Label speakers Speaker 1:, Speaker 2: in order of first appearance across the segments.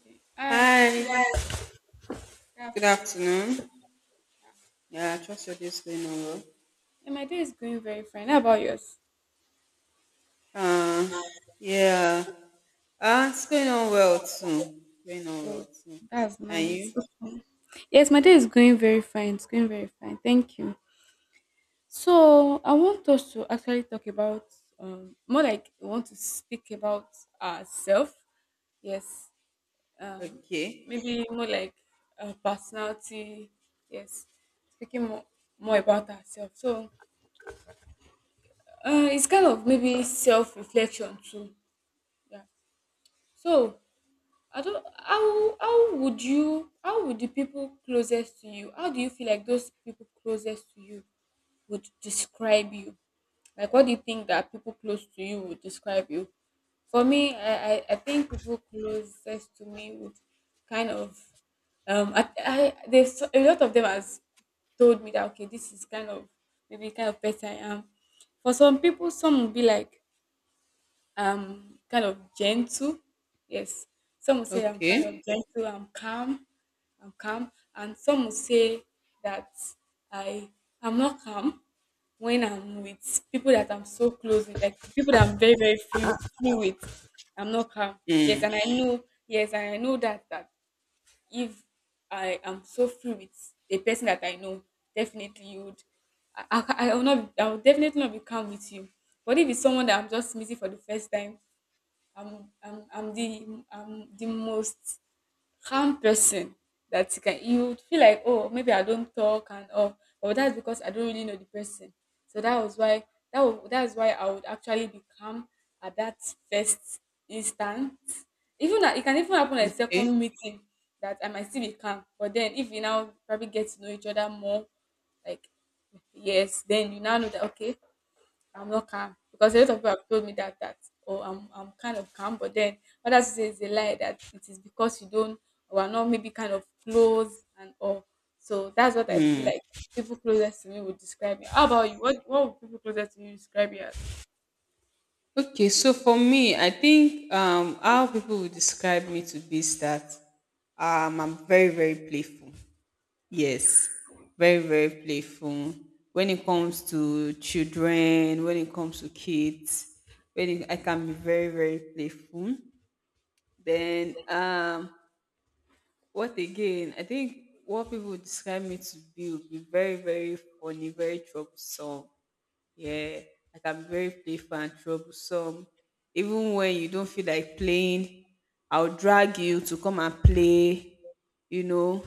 Speaker 1: Okay. Hi, good
Speaker 2: Hi,
Speaker 1: Yes. Good
Speaker 2: good
Speaker 1: afternoon.
Speaker 2: afternoon. Yeah, I trust your day is going on well.
Speaker 1: Yeah, my day is going very fine. How about yours?
Speaker 2: Uh, yeah, it's going on well too. Going on well
Speaker 1: Oh,
Speaker 2: too.
Speaker 1: that's
Speaker 2: And
Speaker 1: nice.
Speaker 2: you?
Speaker 1: Okay. Yes, my day is going very fine. It's going very fine. Thank you. So I want us to actually talk about more like I want to speak about ourselves. Yes. Um
Speaker 2: Okay.
Speaker 1: Maybe more like personality. Yes. Speaking more about ourselves. So it's kind of maybe self reflection too. Yeah. So I don't how would you, how would the people closest to you, how do you feel like those people closest to you would describe you? Like what do you think that people close to you would describe you? For me, I think people closest to me would kind of I there's so, a lot of them has told me that okay this is kind of maybe kind of person I am. For some people some will be like I'm kind of gentle. Yes. Some will say I'm kind of
Speaker 2: Okay.
Speaker 1: gentle, I'm calm, I'm calm. And some will say that I I'm not calm when I'm with people that I'm so close with, like people that I'm very, very few with. I'm not calm. Yes,
Speaker 2: Mm.
Speaker 1: and I know, yes, and I know that if I am so free with a person that I know, definitely you would I will not, I will definitely not be calm with you. But if it's someone that I'm just meeting for the first time, I'm the most calm person that you would feel like, oh, maybe I don't talk and all, but that's because I don't really know the person. So that was why that's why I would actually be calm at that first instant. Even that it can even happen at
Speaker 2: Okay.
Speaker 1: second meeting that I might still be calm, but then if we now probably get to know each other more, like yes, then you now know that okay, I'm not calm because a lot of people have told me that oh I'm kind of calm, but then others say it's a lie that it is because you don't or are not maybe kind of close and all. So that's what I feel like people closest to me would describe me. How about you? What would people closest to you describe you as?
Speaker 2: Okay. So for me, I think how people would describe me to be is that I'm very playful. Yes, very, very playful. When it comes to children, when it comes to kids, I can be very, very playful. Then, what again? I think what people would describe me to be would be very, very funny, very troublesome. Yeah, I can be very playful and troublesome. Even when you don't feel like playing, I'll drag you to come and play. You know,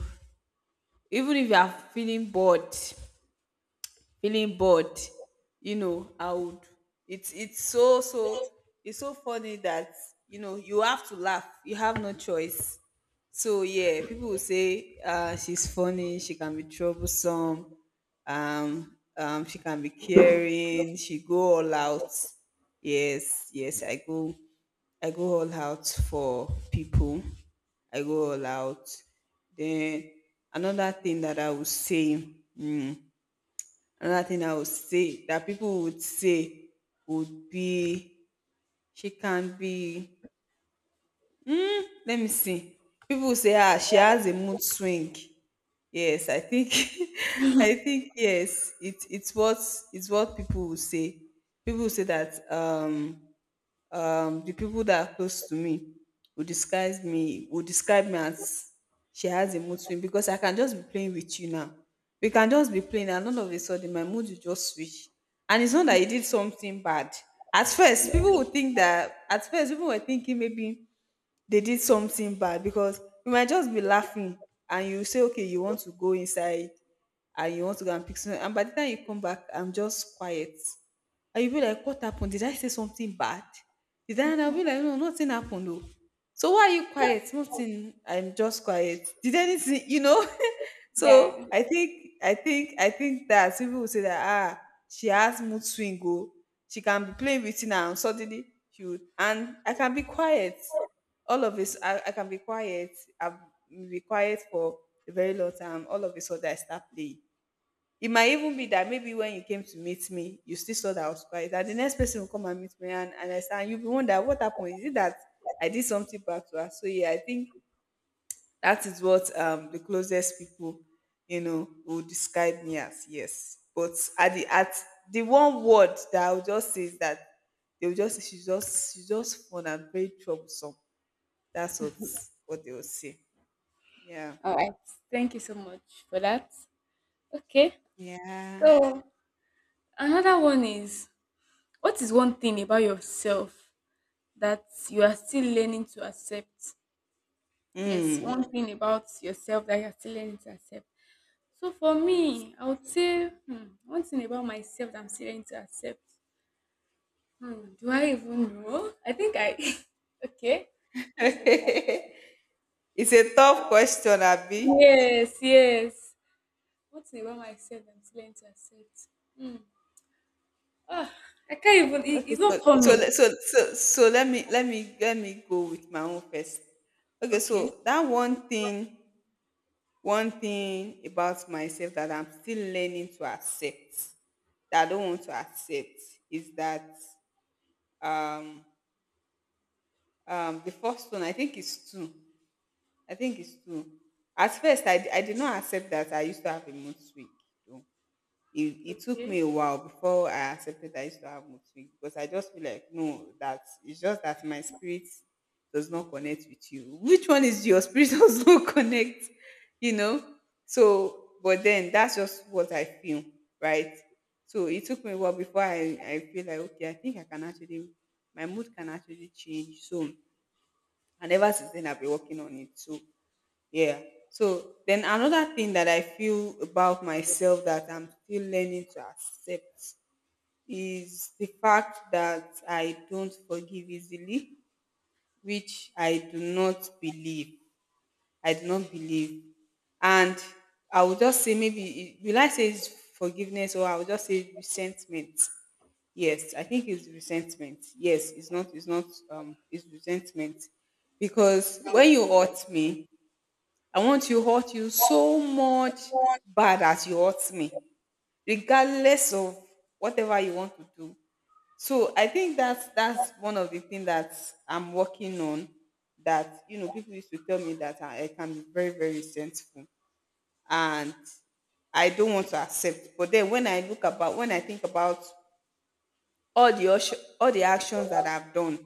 Speaker 2: even if you are feeling bored, you know, I would it's so it's so funny that, you know, you have to laugh, you have no choice. So yeah, people will say, she's funny, she can be troublesome, um, she can be caring, she go all out. Yes, yes, I go all out for people. I go all out. Then another thing that I would say, another thing I would say that people would say would be she can be let me see. People would say, ah, she has a mood swing. Yes, I think I think yes, it's what people would say. People would say that the people that are close to me will disguise me will describe me as she has a mood swing, because I can just be playing with you now. We can just be playing and all of a sudden my mood will just switch. And it's not that you did something bad. At first people were thinking maybe they did something bad, because you might just be laughing and you say, okay, you want to go inside and you want to go and pick something. And by the time you come back, I'm just quiet. And you'll be like, what happened? Did I say something bad? Did I? And I'll be like, no, nothing happened though. So why are you quiet? Nothing. I'm just quiet. Did anything, you know?
Speaker 1: Yeah.
Speaker 2: So I think that people will say that, ah, she has mood swing. Oh, she can be playing with it now. And suddenly she would, and I can be quiet. All of this, I can be quiet. I've been quiet for a very long time. All of a sudden I start playing. It might even be that maybe when you came to meet me, you still saw that I was quiet. And the next person will come and meet me, and I say, you'll be wondering what happened. Is it that I did something back to her? So yeah, I think that is what the closest people, you know, would describe me as, yes. But at the one word that I would just say is that they will just say, she's just fun and very troublesome. That's what they will say. Yeah.
Speaker 1: All right. Thank you so much for that. Okay.
Speaker 2: Yeah.
Speaker 1: So another one is, what is one thing about yourself that you are still learning to accept? Yes, one
Speaker 2: Mm.
Speaker 1: thing about yourself that you're still learning to accept. So for
Speaker 2: Let me
Speaker 1: me, I would say hmm, one thing about myself that I'm still learning to accept. Hmm, do I even know? I think I. Okay. One thing about myself.
Speaker 2: see. It's a tough question, Abby.
Speaker 1: Yes, yes. One thing about myself that I'm still learning to accept. Hmm. Ah, I can't even. It,
Speaker 2: Okay,
Speaker 1: it's
Speaker 2: so
Speaker 1: not coming.
Speaker 2: let me go with my own first. Okay,
Speaker 1: Okay.
Speaker 2: so that one thing about myself that I'm still learning to accept that I don't want to accept is that um the first one I think is two. I think it's two. At first I did not accept that I used to have a mood swing. it, it took
Speaker 1: Okay.
Speaker 2: me a while before I accepted that I used to have mood swing, because I just feel like no, that it's just that my spirit does not connect with you. Which one is your spirit does not connect? You know? So, but then that's just what I feel, right? So it took me a while before I feel like okay, I think I can actually my mood can actually change. So and ever since then I've been working on it. So yeah. So then another thing that I feel about myself that I'm still learning to accept is the fact that I don't forgive easily, which I do not believe. I do not believe. And I would just say maybe will I say it's forgiveness, or I would just say resentment. Yes, I think it's resentment. Yes, it's not it's not it's resentment. Because when you hurt me, I want you to hurt you so much bad as you hurt me, regardless of whatever you want to do. So I think that's one of the things that I'm working on. That, you know, people used to tell me that I can be very, very resentful, and I don't want to accept. But then when I look about, when I think about all the actions that I've done,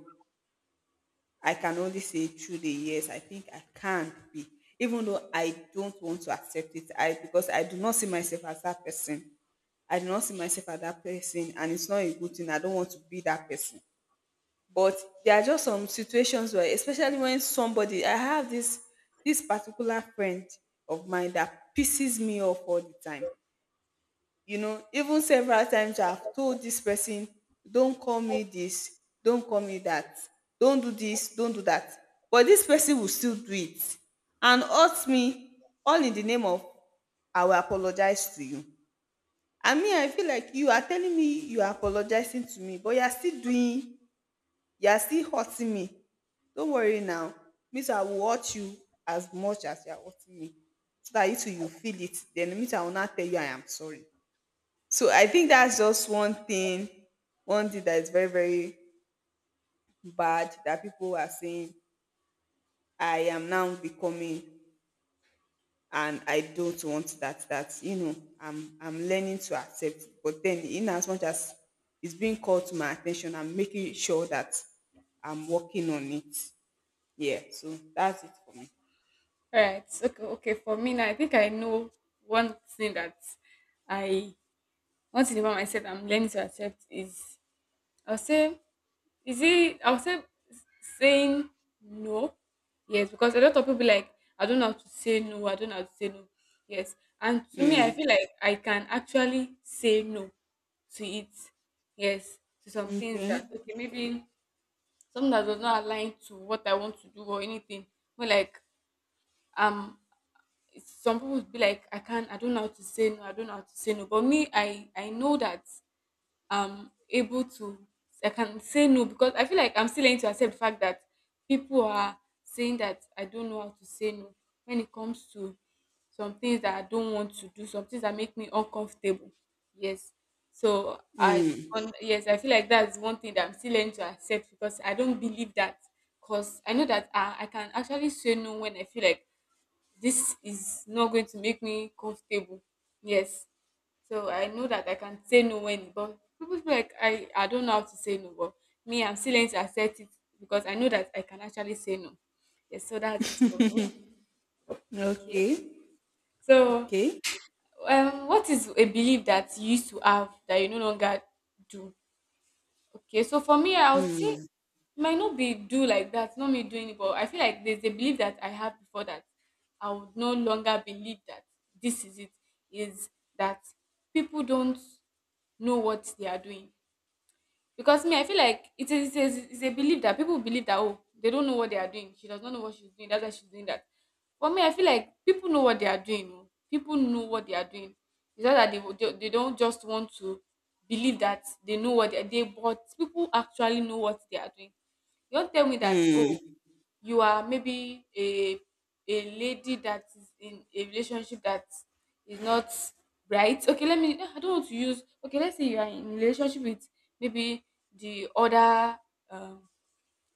Speaker 2: I can only say through the years, I think I can be, even though I don't want to accept it. I because I do not see myself as that person. I do not see myself as that person, and it's not a good thing. I don't want to be that person. But there are just some situations where, especially when somebody, I have this particular friend of mine that pisses me off all the time. You know, even several times I've told this person, don't call me this, don't call me that, don't do this, don't do that. But this person will still do it and hurt me, all in the name of I will apologize to you. I mean, I feel like you are telling me you are apologizing to me, but you are still doing you are still hurting me. Don't worry now, me I will hurt you as much as you are hurting me, so that you too you feel it, then me I will not tell you I am sorry. So I think that's just one thing that is very, very bad that people are saying, I am now becoming, and I don't want that, you know, I'm learning to accept it. But then in as much as it's being called to my attention, I'm making sure that I'm working on it. Yeah. So that's it for me.
Speaker 1: All right. Okay. Okay. For me now, I think I know one thing that I one thing about myself I'm learning to accept is, I'll say, is it? I'll say s- saying no. Yes, because a lot of people be like, I don't know how to say no. I don't know how to say no. Yes, and to me, I feel like I can actually say no to it. Yes, to some things
Speaker 2: Okay.
Speaker 1: that okay, maybe something that does not align to what I want to do or anything. But like um, some people would be like, I can't. I don't know how to say no. I don't know how to say no. But me, I know that. I'm able to, I can say no because I feel like I'm still learning to accept the fact that people are saying that I don't know how to say no when it comes to some things that I don't want to do, some things that make me uncomfortable. Yes. So yes, I feel like that's one thing that I'm still learning to accept because I don't believe that because I know that I can actually say no when I feel like this is not going to make me comfortable. Yes. So I know that I can say no when, but people feel like I don't know how to say no, but me, I'm still learning to accept it because I know that I can actually say no. Yes, so that's it for me. Okay.
Speaker 2: Okay.
Speaker 1: So,
Speaker 2: Okay.
Speaker 1: what is a belief that you used to have that you no longer do? Okay, so for me, I would say it might not be do like that, not me doing it, but I feel like there's a belief that I had before that I would no longer believe that this is it, is that people don't know what they are doing. Because me, I feel like it's a belief that people believe that oh they don't know what they are doing. She does not know what she's doing. That's why she's doing that. For me, I feel like people know what they are doing. Oh. People know what they are doing. It's not that they don't just want to believe that they know what they are doing, but people actually know what they are doing. You don't tell me that oh
Speaker 2: Hmm.
Speaker 1: you are maybe a lady that is in a relationship that is not right. Okay, let me, I don't want to use, okay, let's say you are in a relationship with maybe the other, um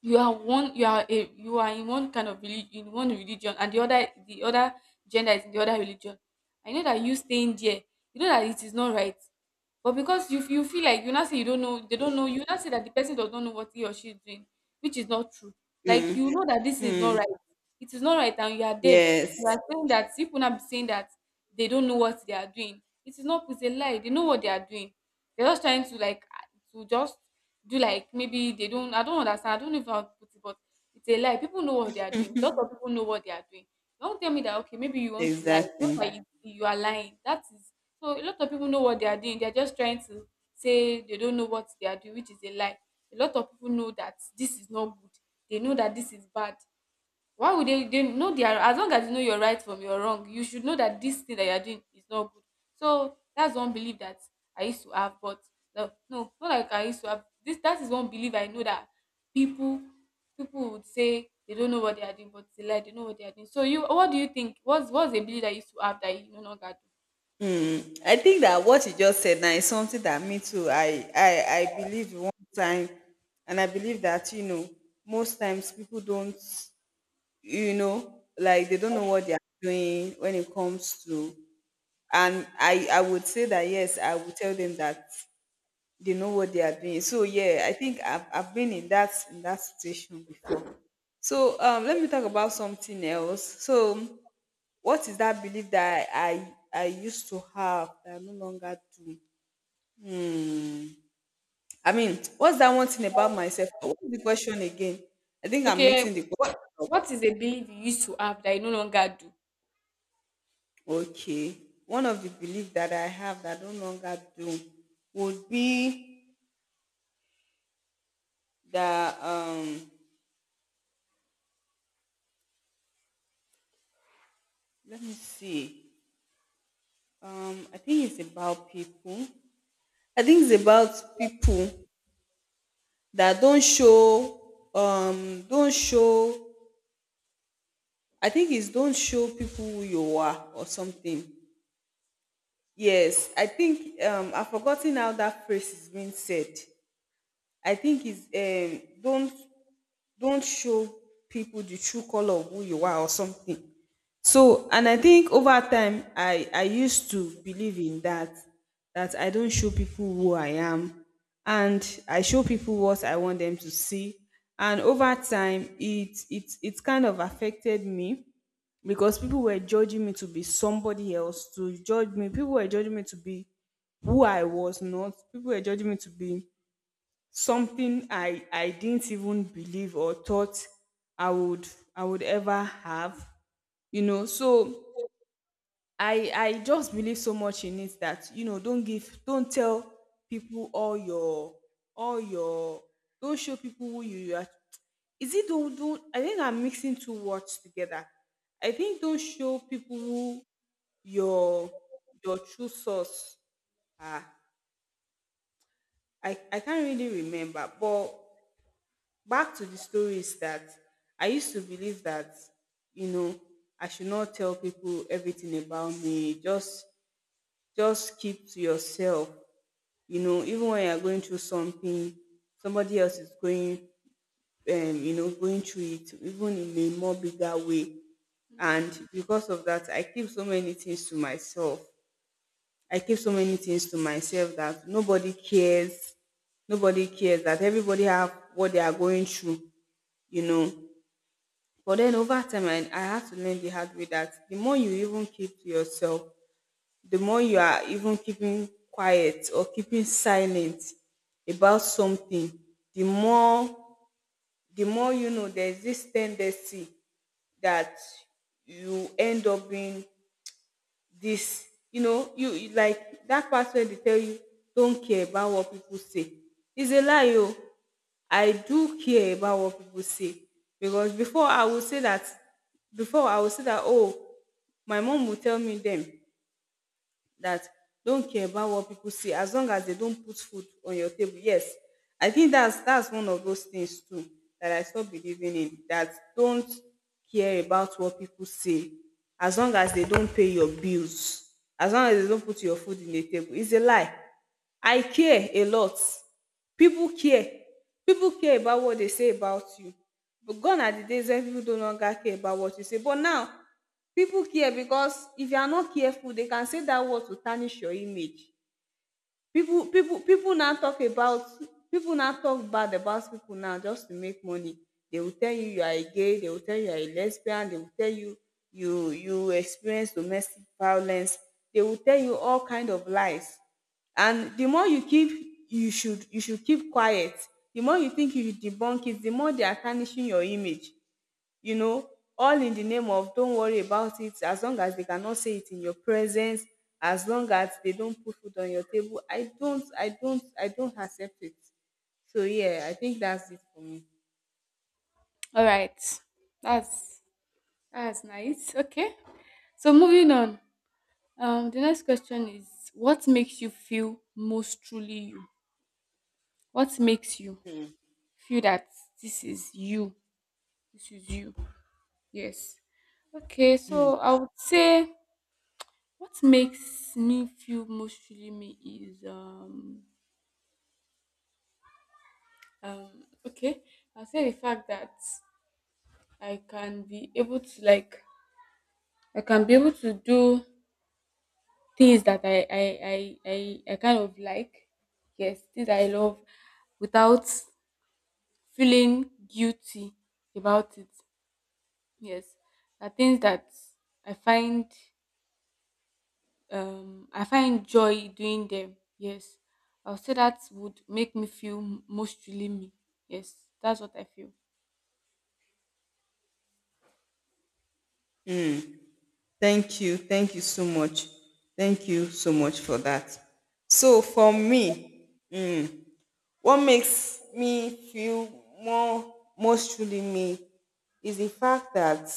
Speaker 1: you are in one kind of religion, in one religion, and the other gender is in the other religion. I know that you staying there, you know that it is not right, but because you feel like you now say you don't know, they don't know, you now say that the person does not know what he or she is doing, which is not true. Like you know that this is not right, it is not right, and you are there, you
Speaker 2: Yes.
Speaker 1: are saying that people now be saying that they don't know what they are doing. It is not, it's a lie, they know what they are doing. They're just trying to like to just do like maybe they don't, I don't understand. I don't know if I'll put it, but it's a lie. People know what they are doing. Lots of people know what they are doing. Don't tell me that okay, maybe you want to lie. You
Speaker 2: Exactly.
Speaker 1: know that you are lying. That is, so a lot of people know what they are doing. They're just trying to say they don't know what they are doing, which is a lie. A lot of people know that this is not good. They know that this is bad. Why would they know their, as long as you know your right from your wrong, you should know that this thing that you are doing is not good. So that's one belief that I used to have, but no, no, not like I used to have. This That is one belief I know that people people would say they don't know what they are doing, but they lie, they know what they are doing. So you what do you think? What's a belief that you used to have that you no longer do?
Speaker 2: Hmm. I think that what you just said now is something that me too. I believe one time, and I believe that, you know, most times people don't, you know, like they don't know what they are doing when it comes to. And I would say that yes, I would tell them that they know what they are doing. So yeah, I think I've been in that situation before. So let me talk about something else. So what is that belief that I used to have that I no longer do? Hmm. I mean, what's that one thing about myself? What is the question again? I think I'm
Speaker 1: Okay,
Speaker 2: mixing the question
Speaker 1: what
Speaker 2: up.
Speaker 1: what is a belief you used to have that you no longer do?
Speaker 2: Okay. One of the beliefs that I have that I no longer do would be that let me see. I think it's about people. I think it's about people that don't show I think it's don't show people who you are or something. Yes, I think I've forgotten how that phrase is being said. I think it's don't show people the true color of who you are or something. So, and I think over time, I used to believe in that that I don't show people who I am, and I show people what I want them to see. And over time, it kind of affected me, because people were judging me to be somebody else, to judge me. People were judging me to be who I was not. People were judging me to be something I didn't even believe or thought I would I would ever have. You know, so I just believe so much in it that, you know, don't tell people all your all your don't show people who you are. Is it don't I think I'm mixing two words together. I think don't show people who your your true source. Ah, I can't really remember, but back to the story is that I used to believe that, you know, I should not tell people everything about me. Just keep to yourself. You know, even when you're going through something, somebody else is going you know, going through it, even in a more bigger way. And because of that, I keep so many things to myself. I keep so many things to myself that nobody cares. Nobody cares that everybody have what they are going through, you know. But then over time, I had to learn the hard way that the more you even keep to yourself, the more you are even keeping quiet or keeping silent about something, the more the more you know there's this tendency that you end up being this, like that part where they tell you don't care about what people say. It's a lie, oh. I do care about what people say because before I would say that oh my mom will tell me them that don't care about what people say as long as they don't put food on your table. Yes, I think that's one of those things too that I stop believing in that don't care about what people say as long as they don't pay your bills, as long as they don't put your food in the table. It's a lie. I care a lot. People care. People care about what they say about you. But gone are the days when people no longer care about what you say. But now people care because if you are not careful they can say that word to tarnish your image. people people people now talk about People now talk bad about people now just to make money. They will tell you you are a gay, they will tell you you are a lesbian, they will tell you you experience domestic violence, they will tell you all kind of lies. And the more you keep, you should keep quiet, the more you think you should debunk it, the more they are tarnishing your image, you know, all in the name of don't worry about it. As long as they cannot say it in your presence, as long as they don't put food on your table, I don't accept it. So yeah, I think that's it for me.
Speaker 1: All right. That's that's nice. Okay. So moving on. The next question is, what makes you feel most truly you? What makes you feel that this is you? This is you. Yes. Okay, so I would say what makes me feel most truly me is okay. I'll say the fact that I can be able to like I can be able to do things that I kind of like. Yes, things that I love without feeling guilty about it, yes, are things that I find joy doing them, yes. I'll say that would make me feel most me, yes, that's what I feel.
Speaker 2: Thank you. Thank you so much. Thank you so much for that. So for me, what makes me feel more most truly me is the fact that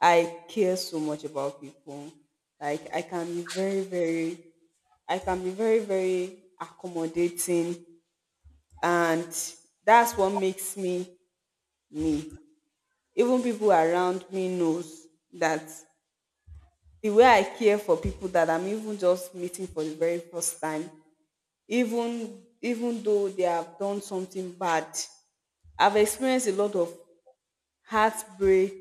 Speaker 2: I care so much about people. Like I can be very, very, I can be very, very accommodating, and that's what makes me me. Even people around me knows that the way I care for people that I'm even just meeting for the very first time, even though they have done something bad, I've experienced a lot of heartbreak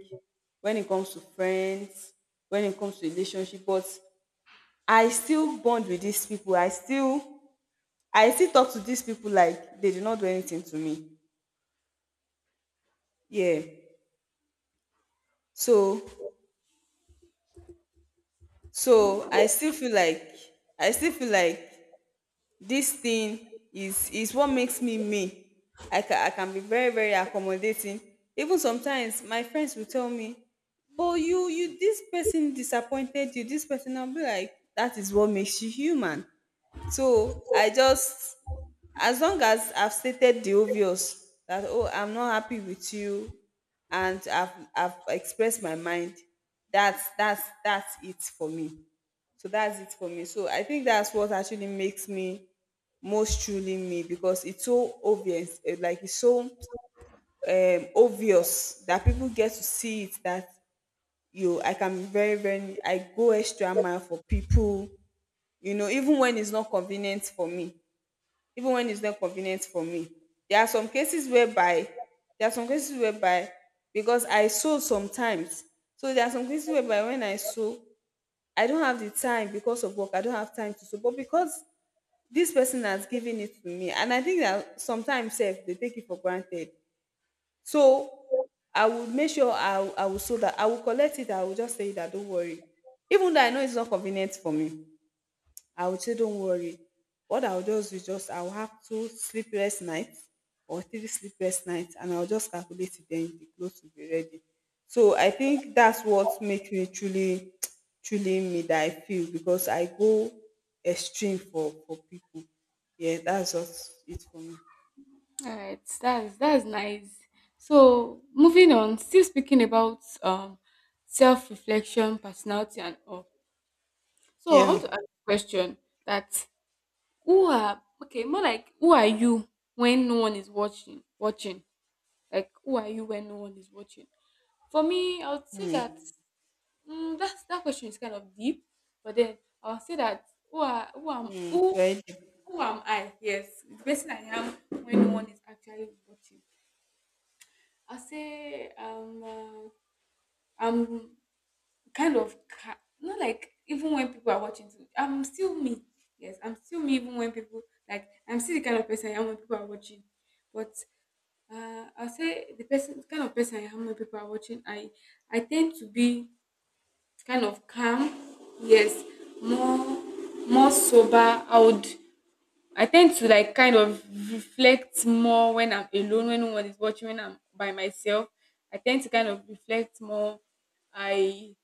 Speaker 2: when it comes to friends, when it comes to relationship, but I still bond with these people. I still talk to these people like they did not do anything to me. Yeah. So so I still feel like I still feel like this thing is what makes me me. I can be very, very accommodating. Even sometimes my friends will tell me, but you this person disappointed you, this person, I'll be like that is what makes you human. So I just, as long as I've stated the obvious that oh I'm not happy with you, and I've expressed my mind, that's that's it for me. So that's it for me. So I think that's what actually makes me most truly me because it's so obvious, eh, like it's so obvious that people get to see it that you I can be very, very, I go extra mile for people, you know, even when it's not convenient for me. Even when it's not convenient for me. There are some cases whereby there are some cases whereby because I sew sometimes. So there are some cases whereby when I sew, I don't have the time because of work. I don't have time to sew. But because this person has given it to me, and I think that sometimes sef they take it for granted. So I would make sure I will so that I will collect it, I will just say that don't worry, even though I know it's not convenient for me. I would say don't worry. What I'll do is just I'll have two sleepless nights or three sleepless nights and I'll just calculate it then the clothes will be ready. So I think that's what makes me truly me, that I feel, because I go extreme for people. Yeah, that's just it for me.
Speaker 1: All right, that's nice. So moving on, still speaking about self-reflection, personality and all. So I
Speaker 2: Yeah.
Speaker 1: want to ask a question that who are okay more like, who are you when no one is watching. Like, who are you when no one is watching? For me, I would say that
Speaker 2: Mm.
Speaker 1: mm, that question is kind of deep, but then I would say that who are
Speaker 2: Mm. So I did.
Speaker 1: who am I? Yes, the person I am when no one is actually watching. I say I'm kind of not like even when people are watching too, I'm still me. Yes, I'm still me even when people, like, I'm still the kind of person I am when people are watching. But I'll say the person, the kind of person I am when people are watching, I tend to be kind of calm, yes, more, more sober. I would, I tend to, like, kind of reflect more when I'm alone, when no one is watching, when I'm by myself. I tend to kind of reflect more. I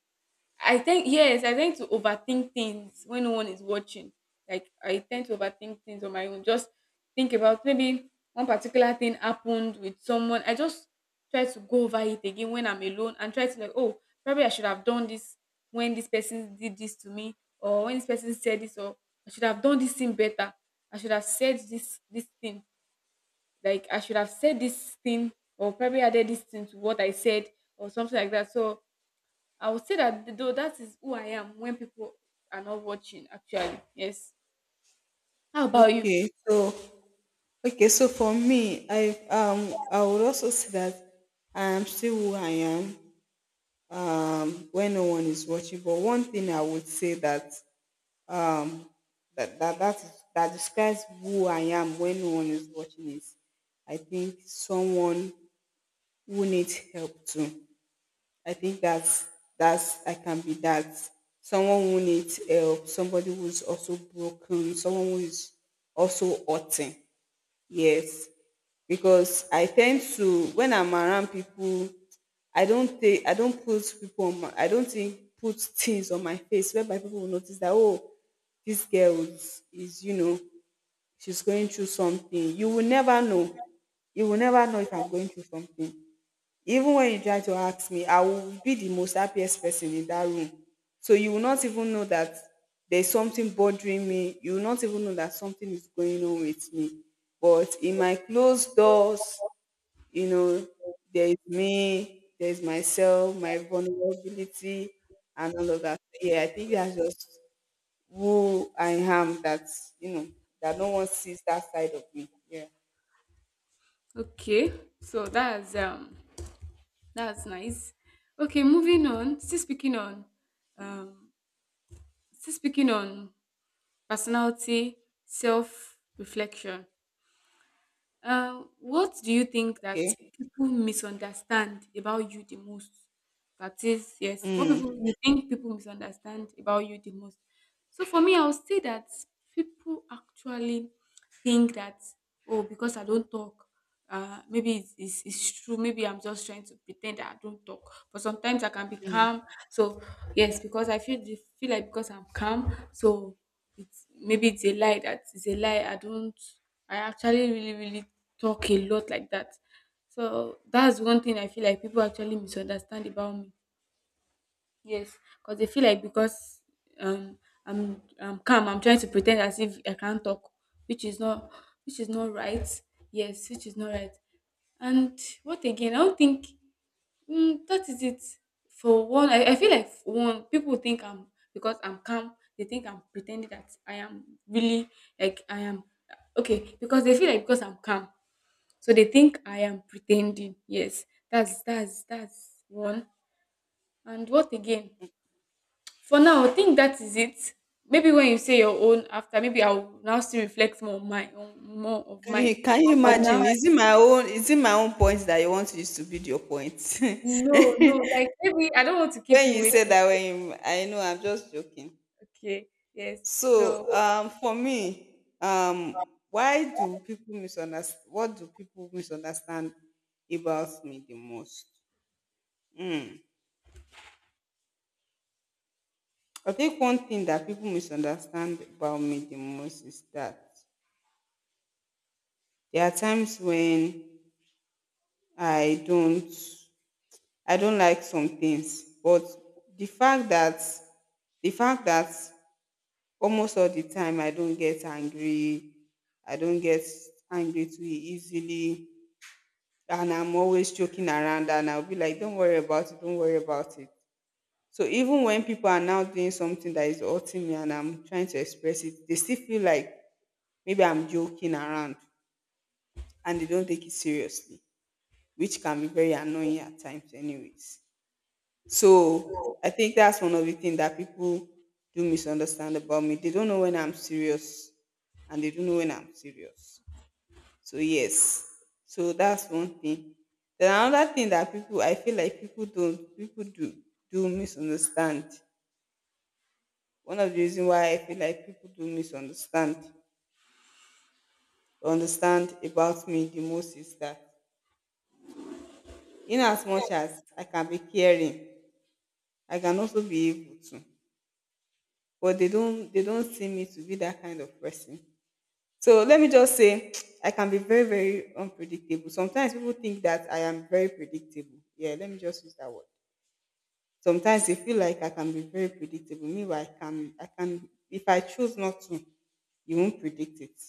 Speaker 1: I think, yes, I tend to overthink things when no one is watching. Like, I tend to overthink things on my own. Just think about maybe one particular thing happened with someone. I just try to go over it again when I'm alone and try to like, oh, probably I should have done this when this person did this to me, or when this person said this, or I should have done this thing better. I should have said this thing. Like, I should have said this thing, or probably added this thing to what I said, or something like that. So I would say that though that is who I am when people are not watching. Actually, yes. How about you?
Speaker 2: Okay, so okay, so for me, I would also say that I am still who I am when no one is watching. But one thing I would say that um, that describes who I am when no one is watching is, I think someone who needs help too. I think that's I can be that, someone who needs help, somebody who's also broken, someone who is also hurting. Yes, because I tend to, when I'm around people I don't take I don't put people on my I don't think put things on my face whereby people will notice that oh this girl is you know she's going through something. You will never know. You will never know if I'm going through something. Even when you try to ask me, I will be the most happiest person in that room. So you will not even know that there's something bothering me. You will not even know that something is going on with me. But in my closed doors, you know, there is me, there is myself, my vulnerability, and all of that. So, yeah, I think that's just who I am. That's you know that no one sees that side of me. Yeah.
Speaker 1: Okay, so that's nice. Okay, moving on. Still speaking on um still speaking on personality, self reflection. What do you think that
Speaker 2: Okay.
Speaker 1: people misunderstand about you the most? That is, yes, what people,
Speaker 2: Hmm.
Speaker 1: you think people misunderstand about you the most? So for me, I would say that people actually think that, oh, because I don't talk, maybe it's true. Maybe I'm just trying to pretend that I don't talk. But sometimes I can be calm. So yes, because I feel feel like because I'm calm, so it's maybe it's a lie, that it's a lie. I don't. I actually really really talk a lot, like that. So that's one thing I feel like people actually misunderstand about me. Yes, because they feel like because um I'm calm, I'm trying to pretend as if I can't talk, which is not, which is not right. Yes, which is not right. And what again? I don't think, mm, that is it. For one, I feel like for one people think I'm, because I'm calm. They think I'm pretending that I am really, like I am okay, because they feel like because I'm calm, so they think I am pretending. Yes, that's one. And what again? For now, I think that is it. Maybe when you say your own after, maybe I'll now still reflect more on mine, on more of
Speaker 2: Can
Speaker 1: mine.
Speaker 2: you
Speaker 1: But for
Speaker 2: imagine?
Speaker 1: now,
Speaker 2: Is it my own? Is it my own point that you want to use to build your point?
Speaker 1: no, no, like maybe I don't want to keep
Speaker 2: When
Speaker 1: you
Speaker 2: you say
Speaker 1: waiting.
Speaker 2: that, when you, I know, I'm just joking.
Speaker 1: Okay, yes.
Speaker 2: So
Speaker 1: So
Speaker 2: for me, why do people misunderstand? What do people misunderstand about me the most? I think one thing that people misunderstand about me the most is that there are times when I don't, I don't like some things, but the fact that, the fact that almost all the time I don't get angry, I don't get angry too easily, and I'm always joking around and I'll be like, don't worry about it, don't worry about it. So even when people are now doing something that is hurting me and I'm trying to express it, they still feel like maybe I'm joking around and they don't take it seriously, which can be very annoying at times, anyways. So I think that's one of the things that people do misunderstand about me. They don't know when I'm serious, and they don't know when I'm serious. So yes, so that's one thing. Then another thing that people, I feel like people don't, people do misunderstand. One of the reasons why I feel like people do misunderstand or understand about me the most is that in as much as I can be caring, I can also be able to. But they don't see me to be that kind of person. So let me just say I can be very, very unpredictable. Sometimes people think that I am very predictable. Yeah, let me just use that word. Sometimes you feel like I can be very predictable. Meanwhile, I can, if I choose not to, you won't predict it.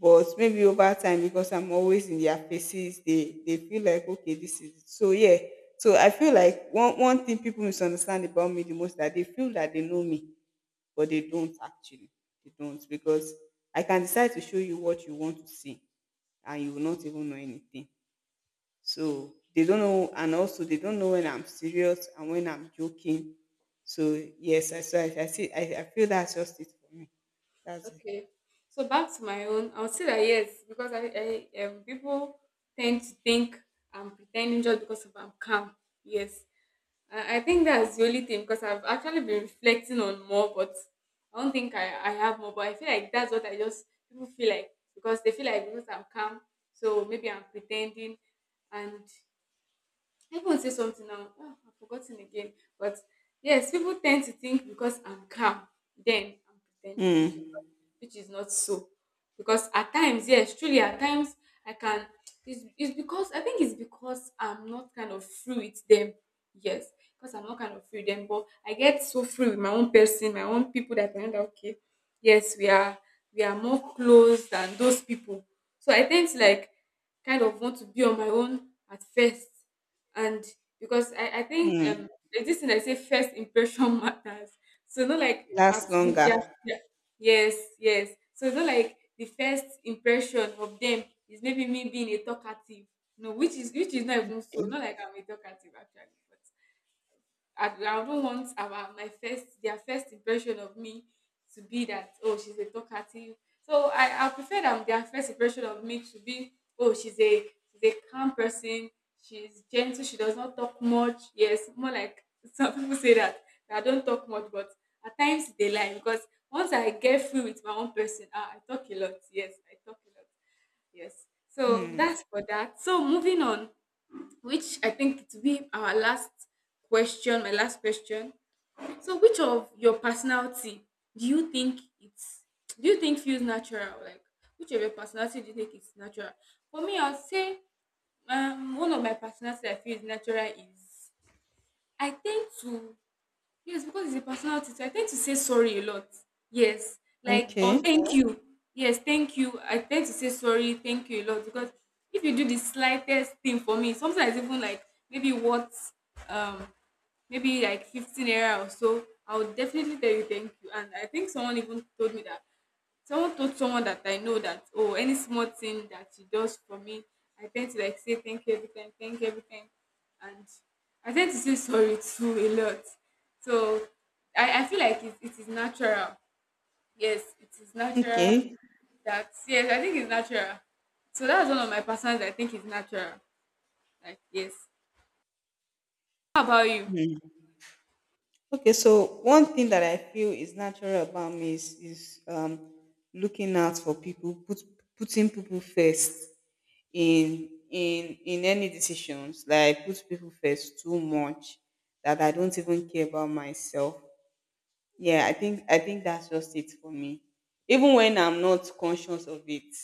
Speaker 2: But maybe over time, because I'm always in their faces, they feel like, okay, this is it. So, yeah. So I feel like one thing people misunderstand about me the most, that they feel that they know me, but they don't actually. They don't, because I can decide to show you what you want to see and you will not even know anything. So they don't know, and also they don't know when I'm serious and when I'm joking. So yes, I see. I feel that's just it for me. That's it.
Speaker 1: okay. So back to my own, I would say that, yes, because I people tend to think I'm pretending just because of I'm calm. Yes, I think that's the only thing because I've actually been reflecting on more, but I don't think I have more. But I feel like that's what I just, people feel like because they feel like because I'm calm, so maybe I'm pretending, and I even say something now. Ah, I've forgotten again. But yes, people tend to think because I'm calm, then I'm pretending,
Speaker 2: Mm.
Speaker 1: which is not so. Because at times, yes, truly, at times I can. It's because I think it's because I'm not kind of free with them. Yes, because I'm not kind of free with them. But I get so free with my own person, my own people, that I know that okay, yes, we are more close than those people. So I tend to, like, kind of want to be on my own at first, and because I think
Speaker 2: Mm.
Speaker 1: there's this thing I say, first impression matters. So not like
Speaker 2: Lasts longer.
Speaker 1: yeah, yeah. Yes, yes. So not like the first impression of them is maybe me being a talkative. No, which is, which is not even so.
Speaker 2: Okay.
Speaker 1: Not like I'm a talkative actually, I don't want our my first, their first impression of me to be that, oh, she's a talkative. So I prefer that their first impression of me to be, oh, she's a, she's a calm person, she's gentle, she does not talk much. Yes, more like, some people say that, that I don't talk much, but at times they lie because once I get free with my own person, ah, I talk a lot. Yes, I talk a lot. Yes. So
Speaker 2: Mm.
Speaker 1: that's for that. So moving on, which I think it will be our last question, my last question. So, which of your personality do you think it's, do you think feels natural? Like, which of your personality do you think is natural? For me, I'll say, one of my personality I feel is natural is I tend to, yes, because it's a personality. So I tend to say sorry a lot. Yes. Like, or
Speaker 2: Okay.
Speaker 1: thank you. Yes, thank you. I tend to say sorry, thank you a lot, because if you do the slightest thing for me, sometimes even like maybe what, um maybe like 15 era or so, I would definitely tell you thank you. And I think someone even told me that, someone told someone that I know that, oh, any small thing that she does for me, I tend to like say thank you every time, thank you every time, and I tend to say sorry too a lot. So I feel like it is natural. Yes, it is natural.
Speaker 2: Okay.
Speaker 1: That, yes, I think it's natural. So that's one of my personal I think is natural. Like, yes. How about you?
Speaker 2: Okay. So one thing that I feel is natural about me is, is looking out for people, putting people first, in any decisions, like I put people first too much that I don't even care about myself. Yeah, I think that's just it for me. Even when I'm not conscious of it,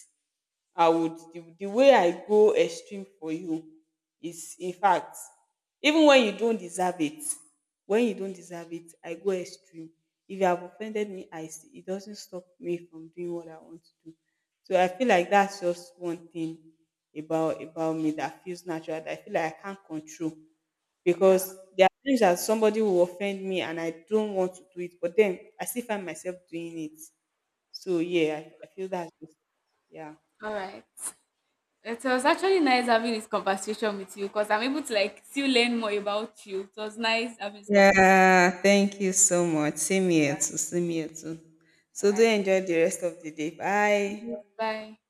Speaker 2: I would, the way I go extreme for you is, in fact, even when you don't deserve it, when you don't deserve it, I go extreme. If you have offended me, it doesn't stop me from doing what I want to do. So I feel like that's just one thing about me that feels natural, that I feel like I can't control,
Speaker 1: Yeah.
Speaker 2: because there are things that somebody will offend me and I don't want to do it, but then I still find myself doing it. So yeah, I feel that's just yeah.
Speaker 1: All right. It was actually nice having this conversation with you because I'm able to, like, still learn more about you. It was nice having this conversation.
Speaker 2: Yeah, thank you so much. Same here too. Same here too.
Speaker 1: All
Speaker 2: So do
Speaker 1: right.
Speaker 2: enjoy the rest of the day. Bye.
Speaker 1: Bye.